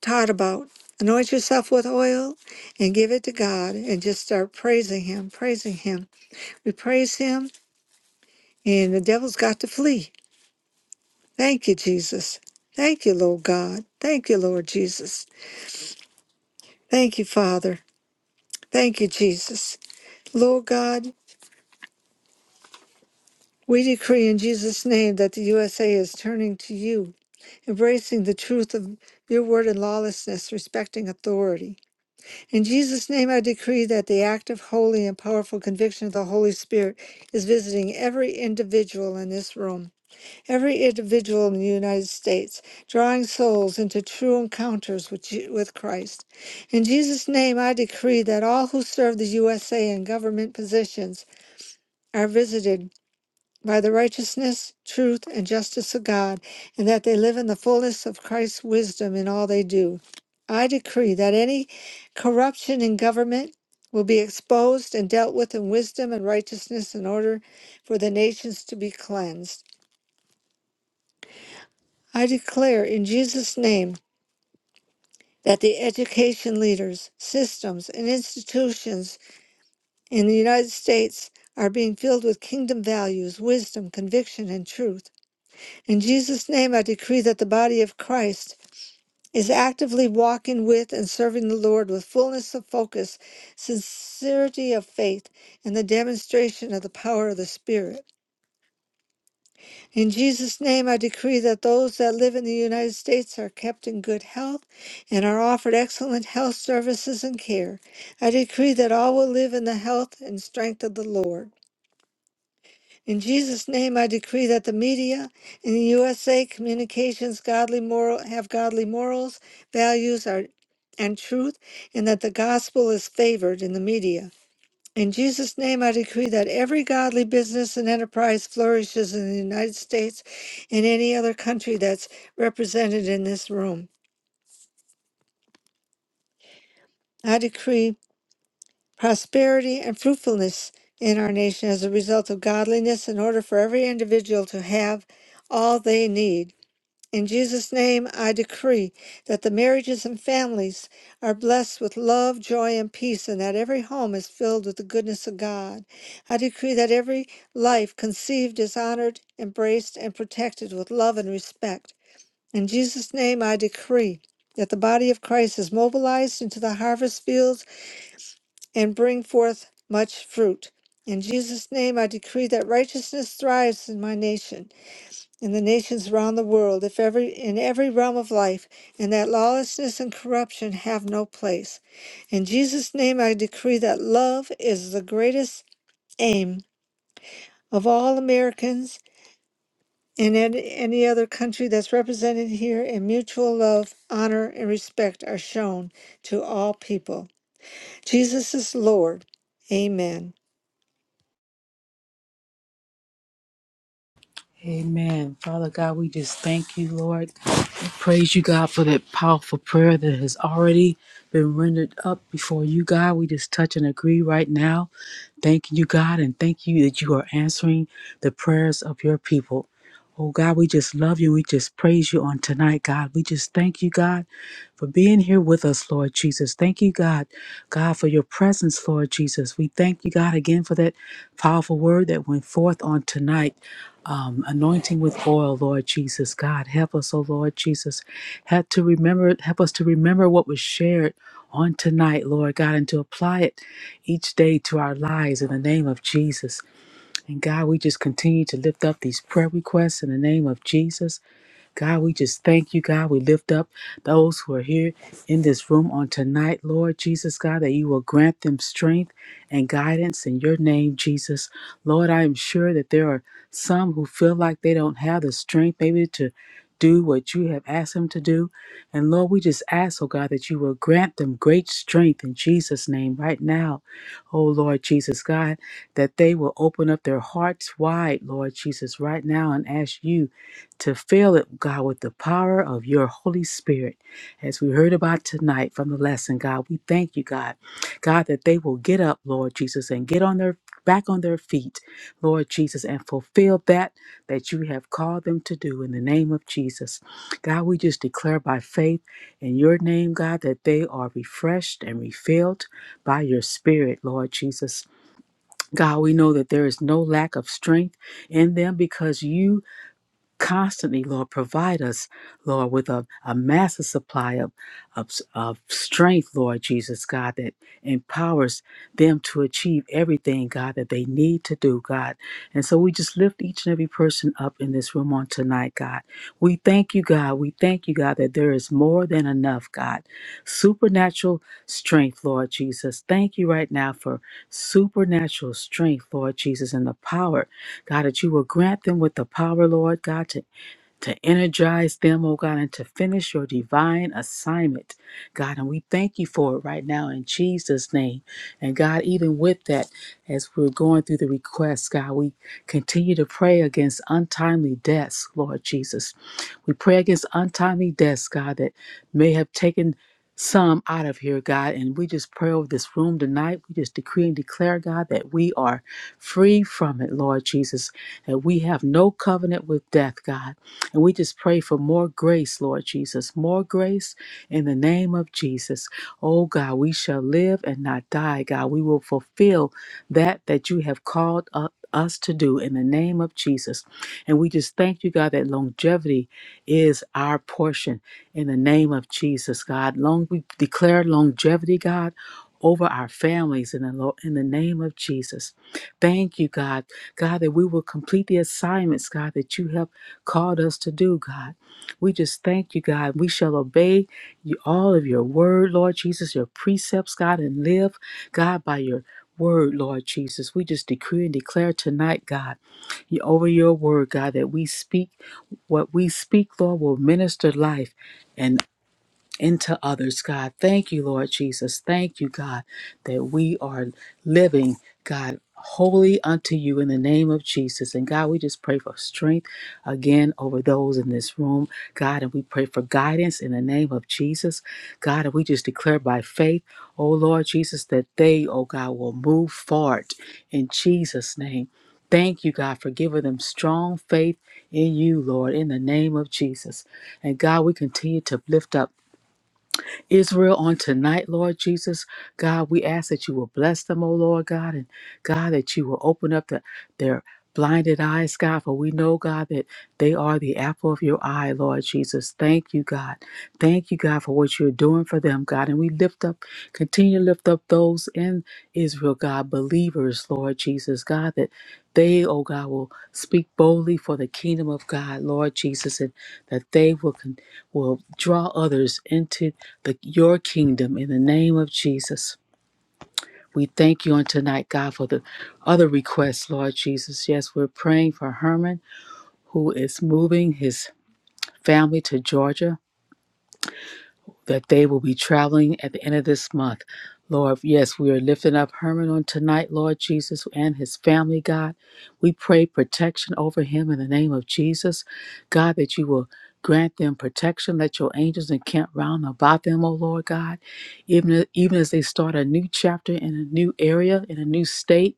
Speaker 4: taught about. Anoint yourself with oil and give it to God and just start praising him, praising him. We praise him and the devil's got to flee. Thank you, Jesus. Thank you, Lord God. Thank you, Lord Jesus. Thank you, Father. Thank you, Jesus. Lord God, We decree in Jesus' name that the USA is turning to you, embracing the truth of your word and lawlessness, respecting authority. In Jesus' name, I decree that the active, holy, and powerful conviction of the Holy Spirit is visiting every individual in this room, every individual in the United States, drawing souls into true encounters with, Je- with Christ. In Jesus' name, I decree that all who serve the USA in government positions are visited by the righteousness, truth, and justice of God, and that they live in the fullness of Christ's wisdom in all they do. I decree that any corruption in government will be exposed and dealt with in wisdom and righteousness in order for the nations to be cleansed. I declare in Jesus' name that the education leaders, systems, and institutions in the United States are being filled with kingdom values, wisdom, conviction, and truth. In Jesus' name, I decree that the body of Christ is actively walking with and serving the Lord with fullness of focus, sincerity of faith, and the demonstration of the power of the Spirit. In Jesus' name, I decree that those that live in the United States are kept in good health and are offered excellent health services and care. I decree that all will live in the health and strength of the Lord. In Jesus' name, I decree that the media in the USA communications godly moral have godly morals, values, are, and truth, and that the gospel is favored in the media. In Jesus' name, I decree that every godly business and enterprise flourishes in the United States and any other country that's represented in this room. I decree prosperity and fruitfulness in our nation as a result of godliness in order for every individual to have all they need. In Jesus' name, I decree that the marriages and families are blessed with love, joy, and peace, and that every home is filled with the goodness of God. I decree that every life conceived is honored, embraced, and protected with love and respect. In Jesus' name, I decree that the body of Christ is mobilized into the harvest fields and bring forth much fruit. In Jesus' name, I decree that righteousness thrives in my nation in the nations round the world, if every in every realm of life, and that lawlessness and corruption have no place. In Jesus' name I decree that love is the greatest aim of all Americans and an- any other country that's represented here, and mutual love, honor, and respect are shown to all people. Jesus is Lord. Amen.
Speaker 2: Amen. Father God, we just thank you, Lord. We Praise you, God, for that powerful prayer that has already been rendered up before you, God. We just touch and agree right now. Thank you, God, and thank you that you are answering the prayers of your people. Oh, God, we just love you. We just praise you on tonight, God. We just thank you, God, for being here with us, Lord Jesus. Thank you, God, God, for your presence, Lord Jesus. We thank you, God, again for that powerful word that went forth on tonight um, anointing with oil, Lord Jesus. God, help us, oh Lord Jesus. Help to remember, help us to remember what was shared on tonight, Lord God, and to apply it each day to our lives in the name of Jesus. And God, we just continue to lift up these prayer requests in the name of Jesus. God, we just thank you, God. We lift up those who are here in this room on tonight, Lord Jesus, God, that you will grant them strength and guidance in your name, Jesus. Lord, I am sure that there are some who feel like they don't have the strength, maybe to do what you have asked them to do. And Lord, we just ask, oh God, that you will grant them great strength in Jesus' name right now. Oh Lord Jesus, God, that they will open up their hearts wide, Lord Jesus, right now and ask you to fill it, God, with the power of your Holy Spirit. As we heard about tonight from the lesson, God, we thank you, God, God, that they will get up, Lord Jesus, and get on their back on their feet, Lord Jesus, and fulfill that that you have called them to do in the name of Jesus. God, we just declare by faith in your name, God, that they are refreshed and refilled by your spirit, Lord Jesus. God, we know that there is no lack of strength in them because you constantly, Lord, provide us, Lord, with a, a massive supply of, of, of strength, Lord Jesus, God, that empowers them to achieve everything, God, that they need to do, God. And so we just lift each and every person up in this room on tonight, God. We thank you, God. We thank you, God, that there is more than enough, God. Supernatural strength, Lord Jesus. Thank you right now for supernatural strength, Lord Jesus, and the power. God, that you will grant them with the power, Lord God, to to energize them, oh God, and to finish your divine assignment, God. And we thank you for it right now in Jesus' name. And God, even with that, as we're going through the requests, God, we continue to pray against untimely deaths, Lord Jesus. We pray against untimely deaths, God, that may have taken some out of here, God. And we just pray over this room tonight. We just decree and declare, God, that we are free from it, Lord Jesus, that we have no covenant with death, God. And we just pray for more grace, Lord Jesus, more grace in the name of Jesus. Oh God, we shall live and not die, God. We will fulfill that that you have called u- us to do in the name of Jesus. And we just thank you, God, that longevity is our portion in the name of Jesus, God. Long we declare longevity, God. Over our families in the, lo- in the name of Jesus. Thank you, God. God, that we will complete the assignments, God, that you have called us to do, God. We just thank you, God. We shall obey you, all of your word, Lord Jesus, your precepts, God, and live, God, by your word, Lord Jesus. We just decree and declare tonight, God, you- over your word, God, that we speak what we speak, Lord, will minister life. and into others, God. Thank you, Lord Jesus. Thank you, God, that we are living, God, holy unto you in the name of Jesus. And God, we just pray for strength again over those in this room, God, and we pray for guidance in the name of Jesus, God. And we just declare by faith, oh Lord Jesus, that they, oh God, will move forward in Jesus' name. Thank you, God, for giving them strong faith in you, Lord, in the name of Jesus. And God, we continue to lift up Israel on tonight, Lord Jesus. God, we ask that you will bless them, O Lord God, and God, that you will open up the, their blinded eyes, God, for we know, God, that they are the apple of your eye, Lord Jesus. Thank you, God. Thank you, God, for what you're doing for them, God. And we lift up, continue to lift up those in Israel, God, believers, Lord Jesus, God, that they, oh God, will speak boldly for the kingdom of God, Lord Jesus, and that they will continue will draw others into the, your kingdom in the name of Jesus. We thank you on tonight, God, for the other requests, Lord Jesus. Yes, we're praying for Herman, who is moving his family to Georgia. that they will be traveling at the end of this month. Lord, yes, we are lifting up Herman on tonight, Lord Jesus, and his family, God. We pray protection over him in the name of Jesus. God, that you will grant them protection. Let your angels encamp round about them, O Lord God. Even, even as they start a new chapter in a new area, in a new state,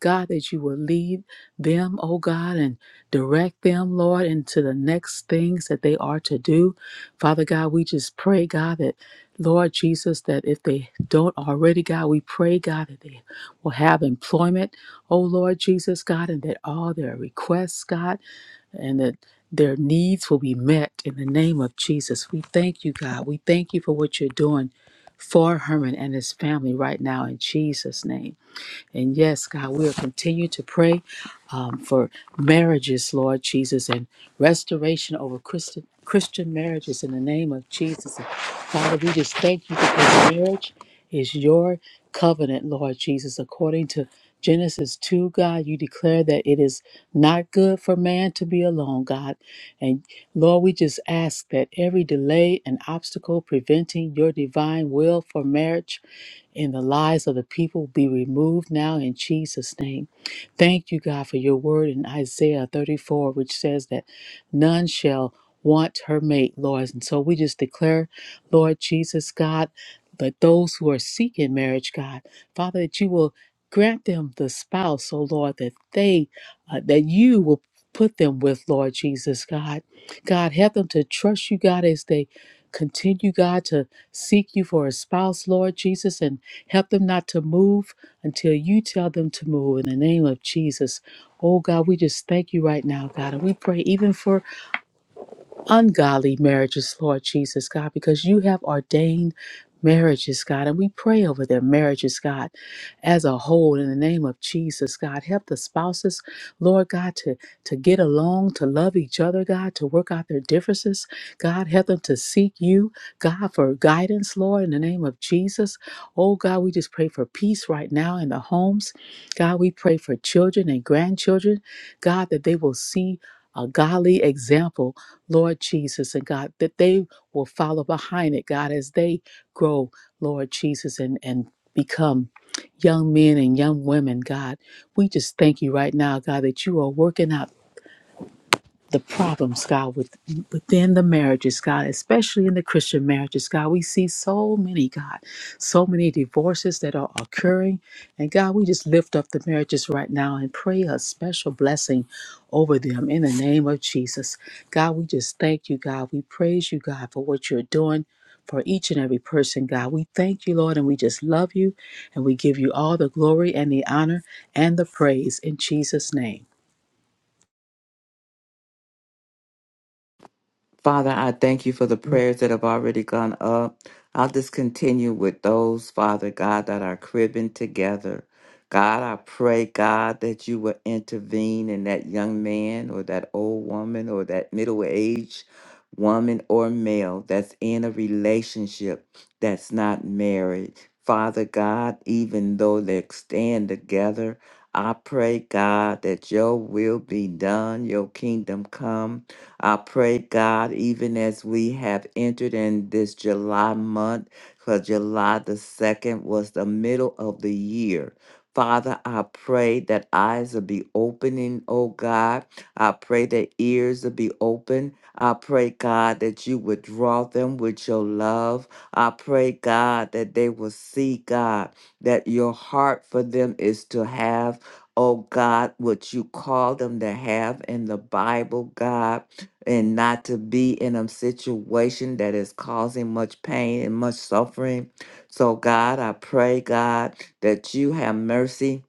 Speaker 2: God, that you will lead them, O God, and direct them, Lord, into the next things that they are to do. Father God, we just pray, God, that Lord Jesus, that if they don't already, God, we pray, God, that they will have employment, oh Lord Jesus, God, and that all their requests, God, and that their needs will be met in the name of Jesus. We thank you, God. We thank you for what you're doing for Herman and his family right now in Jesus' name. And yes, God, we'll continue to pray um, for marriages, Lord Jesus, and restoration over Christian, Christian marriages in the name of Jesus. And Father, we just thank you because marriage is your covenant, Lord Jesus. According to Genesis 2, God, you declare that it is not good for man to be alone, God. Lord, we just ask that every delay and obstacle preventing your divine will for marriage in the lives of the people be removed now in Jesus' name. Thank you, God, for your word in Isaiah 34, which says that none shall want her mate, Lord. And so we just declare, Lord Jesus, God, that those who are seeking marriage, God, Father, that you will grant them the spouse, oh Lord, that they, uh, that you will put them with, Lord Jesus, God. God, help them to trust you, God, as they continue, God, to seek you for a spouse, Lord Jesus, and help them not to move until you tell them to move in the name of Jesus. Oh, God, we just thank you right now, God. And we pray even for ungodly marriages, Lord Jesus, God, because you have ordained marriages, God, and we pray over their marriages, God, as a whole in the name of Jesus, God. Help the spouses, Lord God, to, to get along, to love each other, God, to work out their differences, God. Help them to seek you, God, for guidance, Lord, in the name of Jesus. Oh, God, we just pray for peace right now in the homes. God, we pray for children and grandchildren, God, that they will see a godly example Lord Jesus, and God, that they will follow behind it, God, as they grow, Lord Jesus, and, and become young men and young women, God. We just thank you right now, God, that you are working out the problems, God, with, within the marriages, God, especially in the Christian marriages, God. We see so many, God, so many divorces that are occurring. And God, we just lift up the marriages right now and pray a special blessing over them in the name of Jesus. God, we just thank you, God. We praise you, God, for what you're doing. For each and every person, God. We thank you, Lord, and we just love you, and we give you all the glory and the honor and the praise in Jesus' name.
Speaker 3: Father, I thank you for the prayers that have already gone up. I'll just continue with those, Father God, that are cribbing together. God, I pray, God, that you will intervene in that young man or that old woman or that middle aged woman or male that's in a relationship that's not married. Father God, even though they stand together, I pray, God, that your will be done, your kingdom come I pray, God, even as we have entered in this July month, because July the 2nd was the middle of the year. Father, I pray that eyes will be opening, oh God. I pray that ears will be open. I pray, God, that you would draw them with your love. I pray, God, that they will see, God, that your heart for them is to have, oh God, what you call them to have in the Bible, God and not to be in a situation that is causing much pain and much suffering. So, God, I pray, God, that you have mercy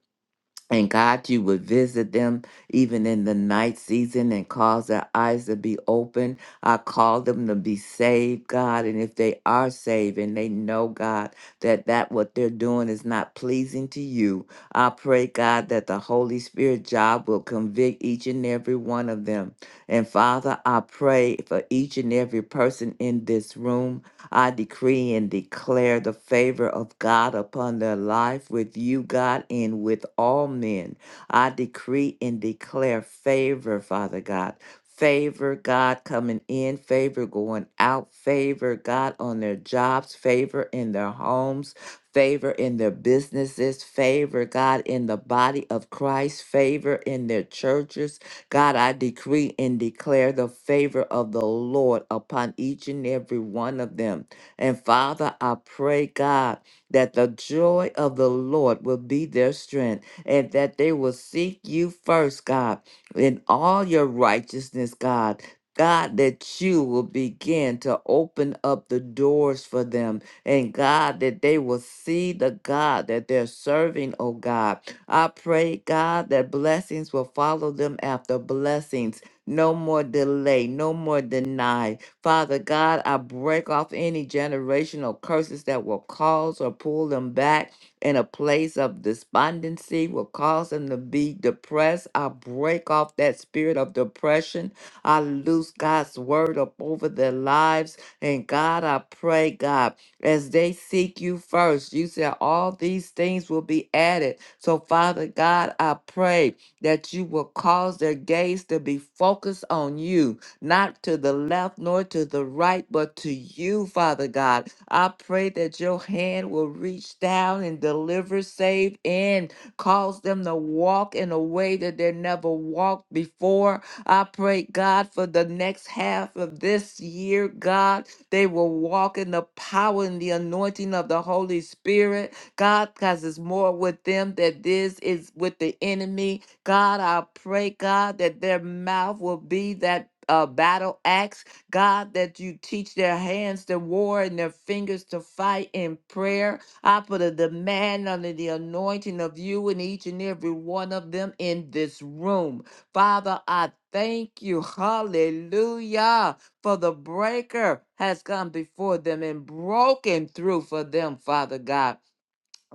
Speaker 3: and God, you would visit them even in the night season and cause their eyes to be open. I call them to be saved, God. And if they are saved and they know, God, that that what they're doing is not pleasing to you, I pray, God, that the Holy Spirit job will convict each and every one of them. And Father, I pray for each and every person in this room. I decree and declare the favor of God upon their life with you, God, and with all men. I decree and declare favor, Father God. Favor, God, coming in, favor going out, favor, God, on their jobs, favor in their homes, favor in their businesses, favor, God, in the body of Christ, favor in their churches, God, I decree and declare the favor of the Lord upon each and every one of them. And Father, I pray, God, that the joy of the Lord will be their strength and that they will seek you first, God, in all your righteousness, God. God, that you will begin to open up the doors for them. And God, that they will see the God that they're serving, oh God I pray, God, that blessings will follow them after blessings. No more delay, no more deny. Father God, I break off any generational curses that will cause or pull them back in a place of despondency, will cause them to be depressed. I break off that spirit of depression. I loose God's word up over their lives. And God, I pray, God as they seek you first. You said all these things will be added. So, Father God, I pray that you will cause their gaze to be focused on you, not to the left nor to the right, but to you, Father God. I pray that your hand will reach down and deliver, save, and cause them to walk in a way that they never walked before. I pray, God, for the next half of this year, God. They will walk in the power and the anointing of the Holy Spirit. God, because it's more with them that this is with the enemy. God, I pray, God, that their mouth will be that uh, battle axe. God, that you teach their hands to war and their fingers to fight in prayer. I put a demand under the anointing of you and each and every one of them in this room. Father, I thank you. Hallelujah for the breaker has come before them and broken through for them, Father God.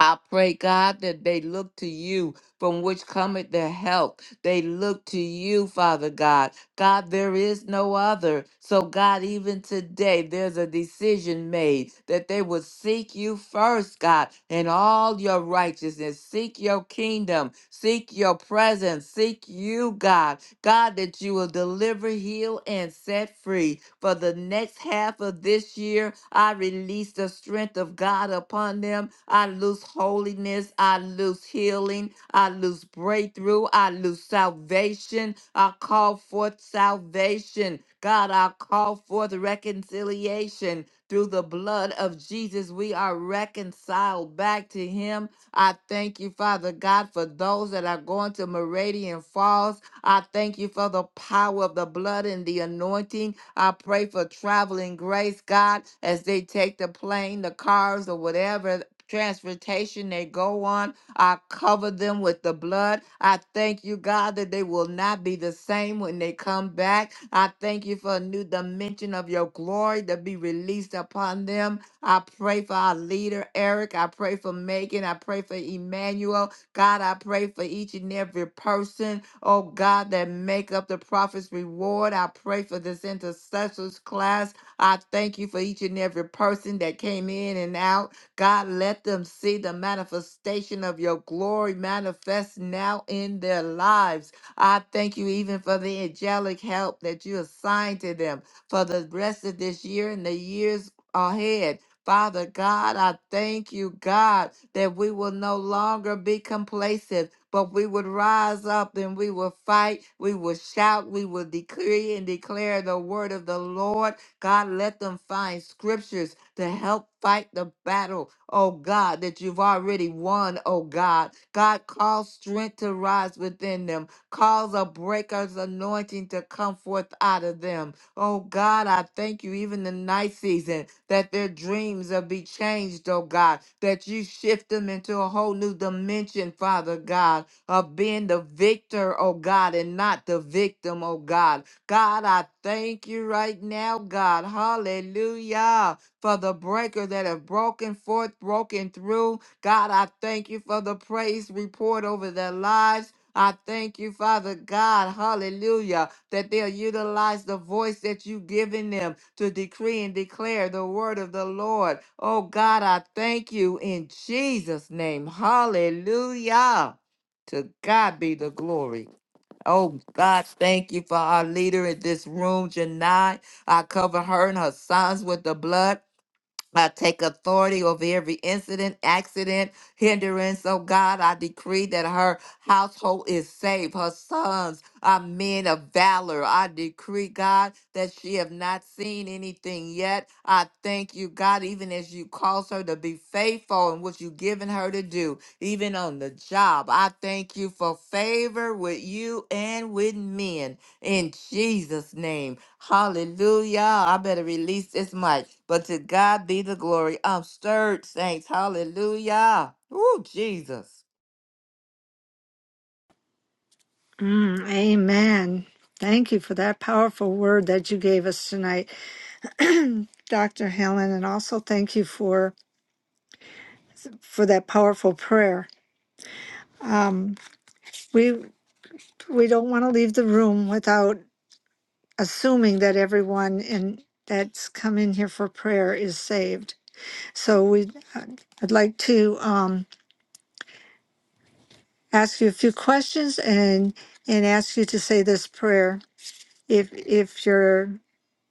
Speaker 3: I pray, God, that they look to you from which cometh their help. They look to you, Father God. God, there is no other. So, God, even today, there's a decision made that they will seek you first, God, in all your righteousness. Seek your kingdom, seek your presence, seek you, God God, that you will deliver, heal, and set free. For the next half of this year, I release the strength of God upon them. I lose holiness. I lose healing. I lose breakthrough. I lose salvation. I call forth salvation. God, I call forth reconciliation. Through the blood of Jesus, we are reconciled back to Him. I thank you, Father God, for those that are going to Meridian Falls. I thank you for the power of the blood and the anointing. I pray for traveling grace, God, as they take the plane, the cars, or whatever transportation they go on. I cover them with the blood. I thank you, God, that they will not be the same when they come back. I thank you for a new dimension of your glory to be released upon them. I pray for our leader, Eric. I pray for Megan. I pray for Emmanuel. God, I pray for each and every person, oh God, that make up the prophet's reward. I pray for this intercessors class. I thank you for each and every person that came in and out. God, let them see the manifestation of your glory manifest now in their lives. I thank you even for the angelic help that you assigned to them for the rest of this year and the years ahead. Father God, I thank you, God, that we will no longer be complacent, but we would rise up and we will fight, we will shout, we will decree and declare the word of the Lord. God, let them find scriptures to help fight the battle, oh God, that you've already won, oh God. God, cause strength to rise within them, cause a breaker's anointing to come forth out of them. Oh God, I thank you, even the night season, that their dreams will be changed, oh God, that you shift them into a whole new dimension, Father God, of being the victor, oh God, and not the victim, oh God. God, I thank you right now, God. Hallelujah. For the breaker that have broken forth, broken through. God, I thank you for the praise report over their lives. I thank you, Father God, hallelujah, that they'll utilize the voice that you've given them to decree and declare the word of the Lord. Oh God, I thank you in Jesus' name. Hallelujah. To God be the glory. Oh God, thank you for our leader in this room, Janai. I cover her and her sons with the blood. I take authority over every incident, accident, hindrance. Oh God, I decree that her household is safe. Her sons are men of valor. I decree, God, that she have not seen anything yet. I thank you, God, even as you cause her to be faithful in what you've given her to do, even on the job. I thank you for favor with you and with men. In Jesus' name. Hallelujah. I better release this mic. But to God be the glory. I'm stirred, saints. Hallelujah. Woo, Jesus.
Speaker 4: Mm, amen. Thank you for that powerful word that you gave us tonight. Dr. Helen, and also thank you for for that powerful prayer. Um, we we don't want to leave the room without assuming that everyone in that's come in here for prayer is saved. So we uh, I'd like to um, ask you a few questions and and ask you to say this prayer if if you're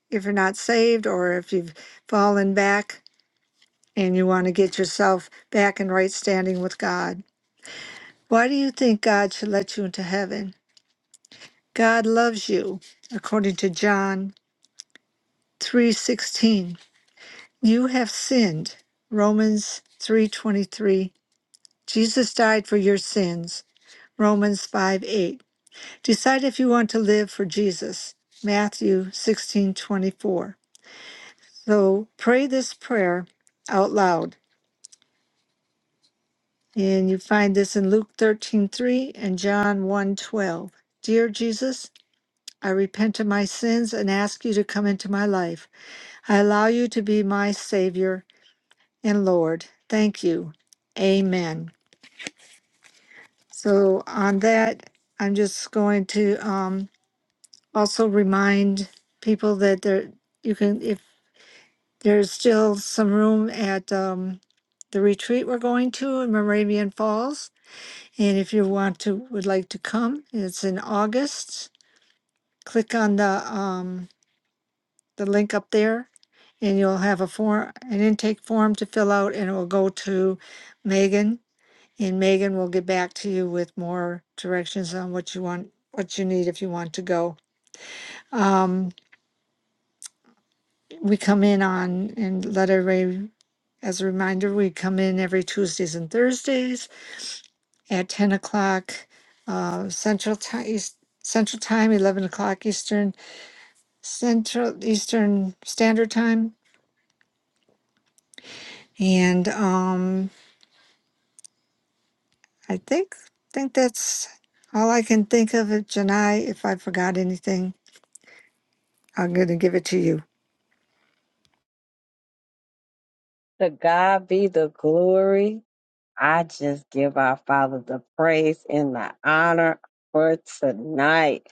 Speaker 4: if you're not saved or if you've fallen back and you want to get yourself back in right standing with God. Why do you think God should let you into heaven? God loves you, according to John 3:16. You have sinned. Romans 3:23. Jesus died for your sins. Romans five eight. Decide if you want to live for Jesus. Matthew 16:24. So pray this prayer out loud. And you find this in Luke 13:3 and John one twelve. Dear Jesus, I repent of my sins and ask you to come into my life. I allow you to be my Savior and Lord. Thank you. Amen. So, on that, I'm just going to um, also remind people that there, you can, if there's still some room at um, the retreat we're going to in Moravian Falls. And if you want to, would like to come, it's in August. Click on the um, the link up there and you'll have a form, an intake form to fill out, and it will go to Megan, and Megan will get back to you with more directions on what you want, what you need if you want to go. Um, we come in on, and let everybody, as a reminder, we come in every Tuesdays and Thursdays at ten o'clock, uh, Central Time, Central Time, eleven o'clock Eastern, Central Eastern Standard Time, and, um, I think think that's all I can think of it, Janai. If I forgot anything, I'm gonna give it to you.
Speaker 1: To God be the glory. I just give our Father the praise and the honor for tonight.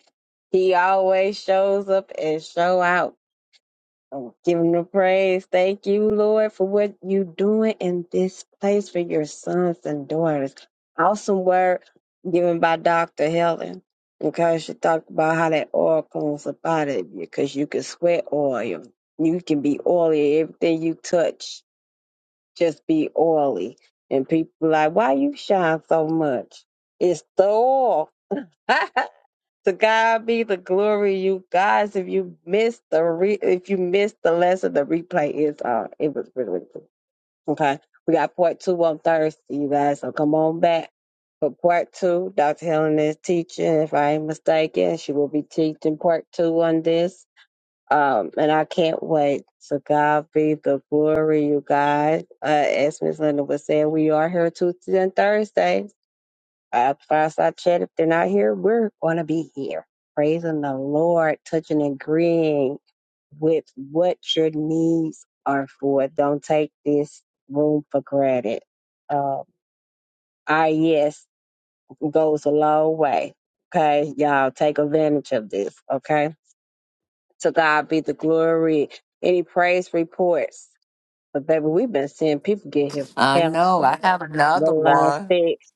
Speaker 1: He always shows up and show out. Oh, give him the praise. Thank you, Lord, for what you're doing in this place for your sons and daughters. Awesome word given by Dr. Helen. Because she talked about how that oil comes up out of you, because you can sweat oil. You can be oily. Everything you touch, just be oily. And people like, why you shine so much? It's the oil. [LAUGHS] To God be the glory, you guys. If you missed the re- if you missed the lesson, the replay is uh it was really, really cool. Okay. We got part two on Thursday, you guys. So come on back for part two. Dr. Helen is teaching, if I ain't mistaken. She will be teaching part two on this. Um, and I can't wait. So God be the glory, you guys. Uh, as Miss Linda was saying, we are here Tuesday and Thursday uh, fireside chat. If they're not here, we're going to be here praising the Lord, touching and agreeing with what your needs are for. Don't take this room for granted. Um, our yes goes a long way. Okay, y'all take advantage of this. Okay, to God be the glory. Any praise reports? But baby, we've been seeing people get here for
Speaker 3: I know.
Speaker 1: cancer,
Speaker 3: I have
Speaker 1: the
Speaker 3: another
Speaker 1: line
Speaker 3: one.
Speaker 1: fixed.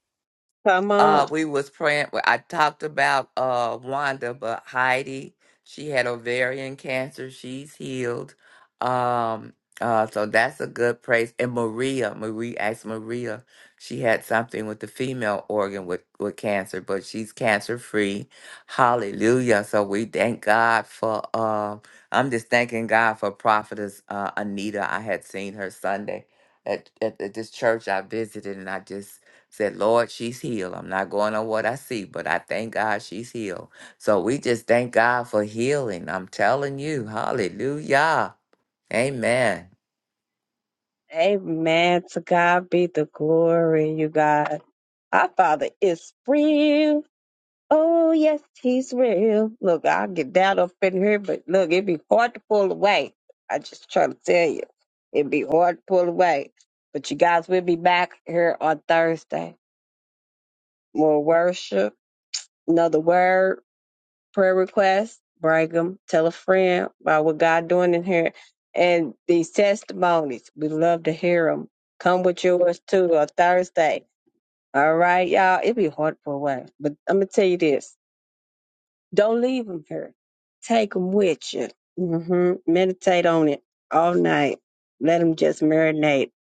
Speaker 1: Come on.
Speaker 3: Uh, we was praying. well, I talked about uh Wanda, but Heidi, she had ovarian cancer. She's healed. Um, uh, so that's a good praise. And Maria, Marie asked Maria, she had something with the female organ with with cancer, but she's cancer free. Hallelujah! So we thank God for. Um, I'm just thanking God for Prophetess uh, Anita. I had seen her Sunday at, at at this church I visited, and I just Said, Lord, she's healed. I'm not going on what I see, but I thank God she's healed. So we just thank God for healing. I'm telling you, hallelujah. Amen.
Speaker 1: Amen. To God be the glory, you God. Our Father is real. Oh, yes, He's real. Look, I'll get down up in here, but look, it'd be hard to pull away. I just try to tell you, it'd be hard to pull away. But you guys, we'll be back here on Thursday. More worship, another word prayer requests, bring them, tell a friend about what God doing in here. And these testimonies, we love to hear them. Come with yours too on Thursday. All right, y'all. It'd be hard for a while, but I'm gonna tell you this: don't leave them here. Take them with you. hmm Meditate on it all night. Let them just marinate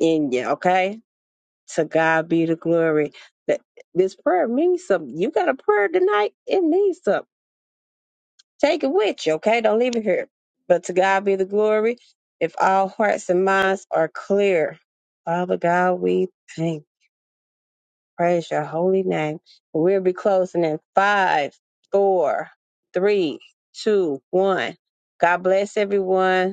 Speaker 1: in you. Okay. To God be the glory. That this prayer means something. You got a prayer tonight? It means something Take it with you, okay? Don't leave it here. But to God be the glory. If all hearts and minds are clear, Father God, we thank, praise your holy name. We'll be closing in five, four, three, two, one. God bless everyone.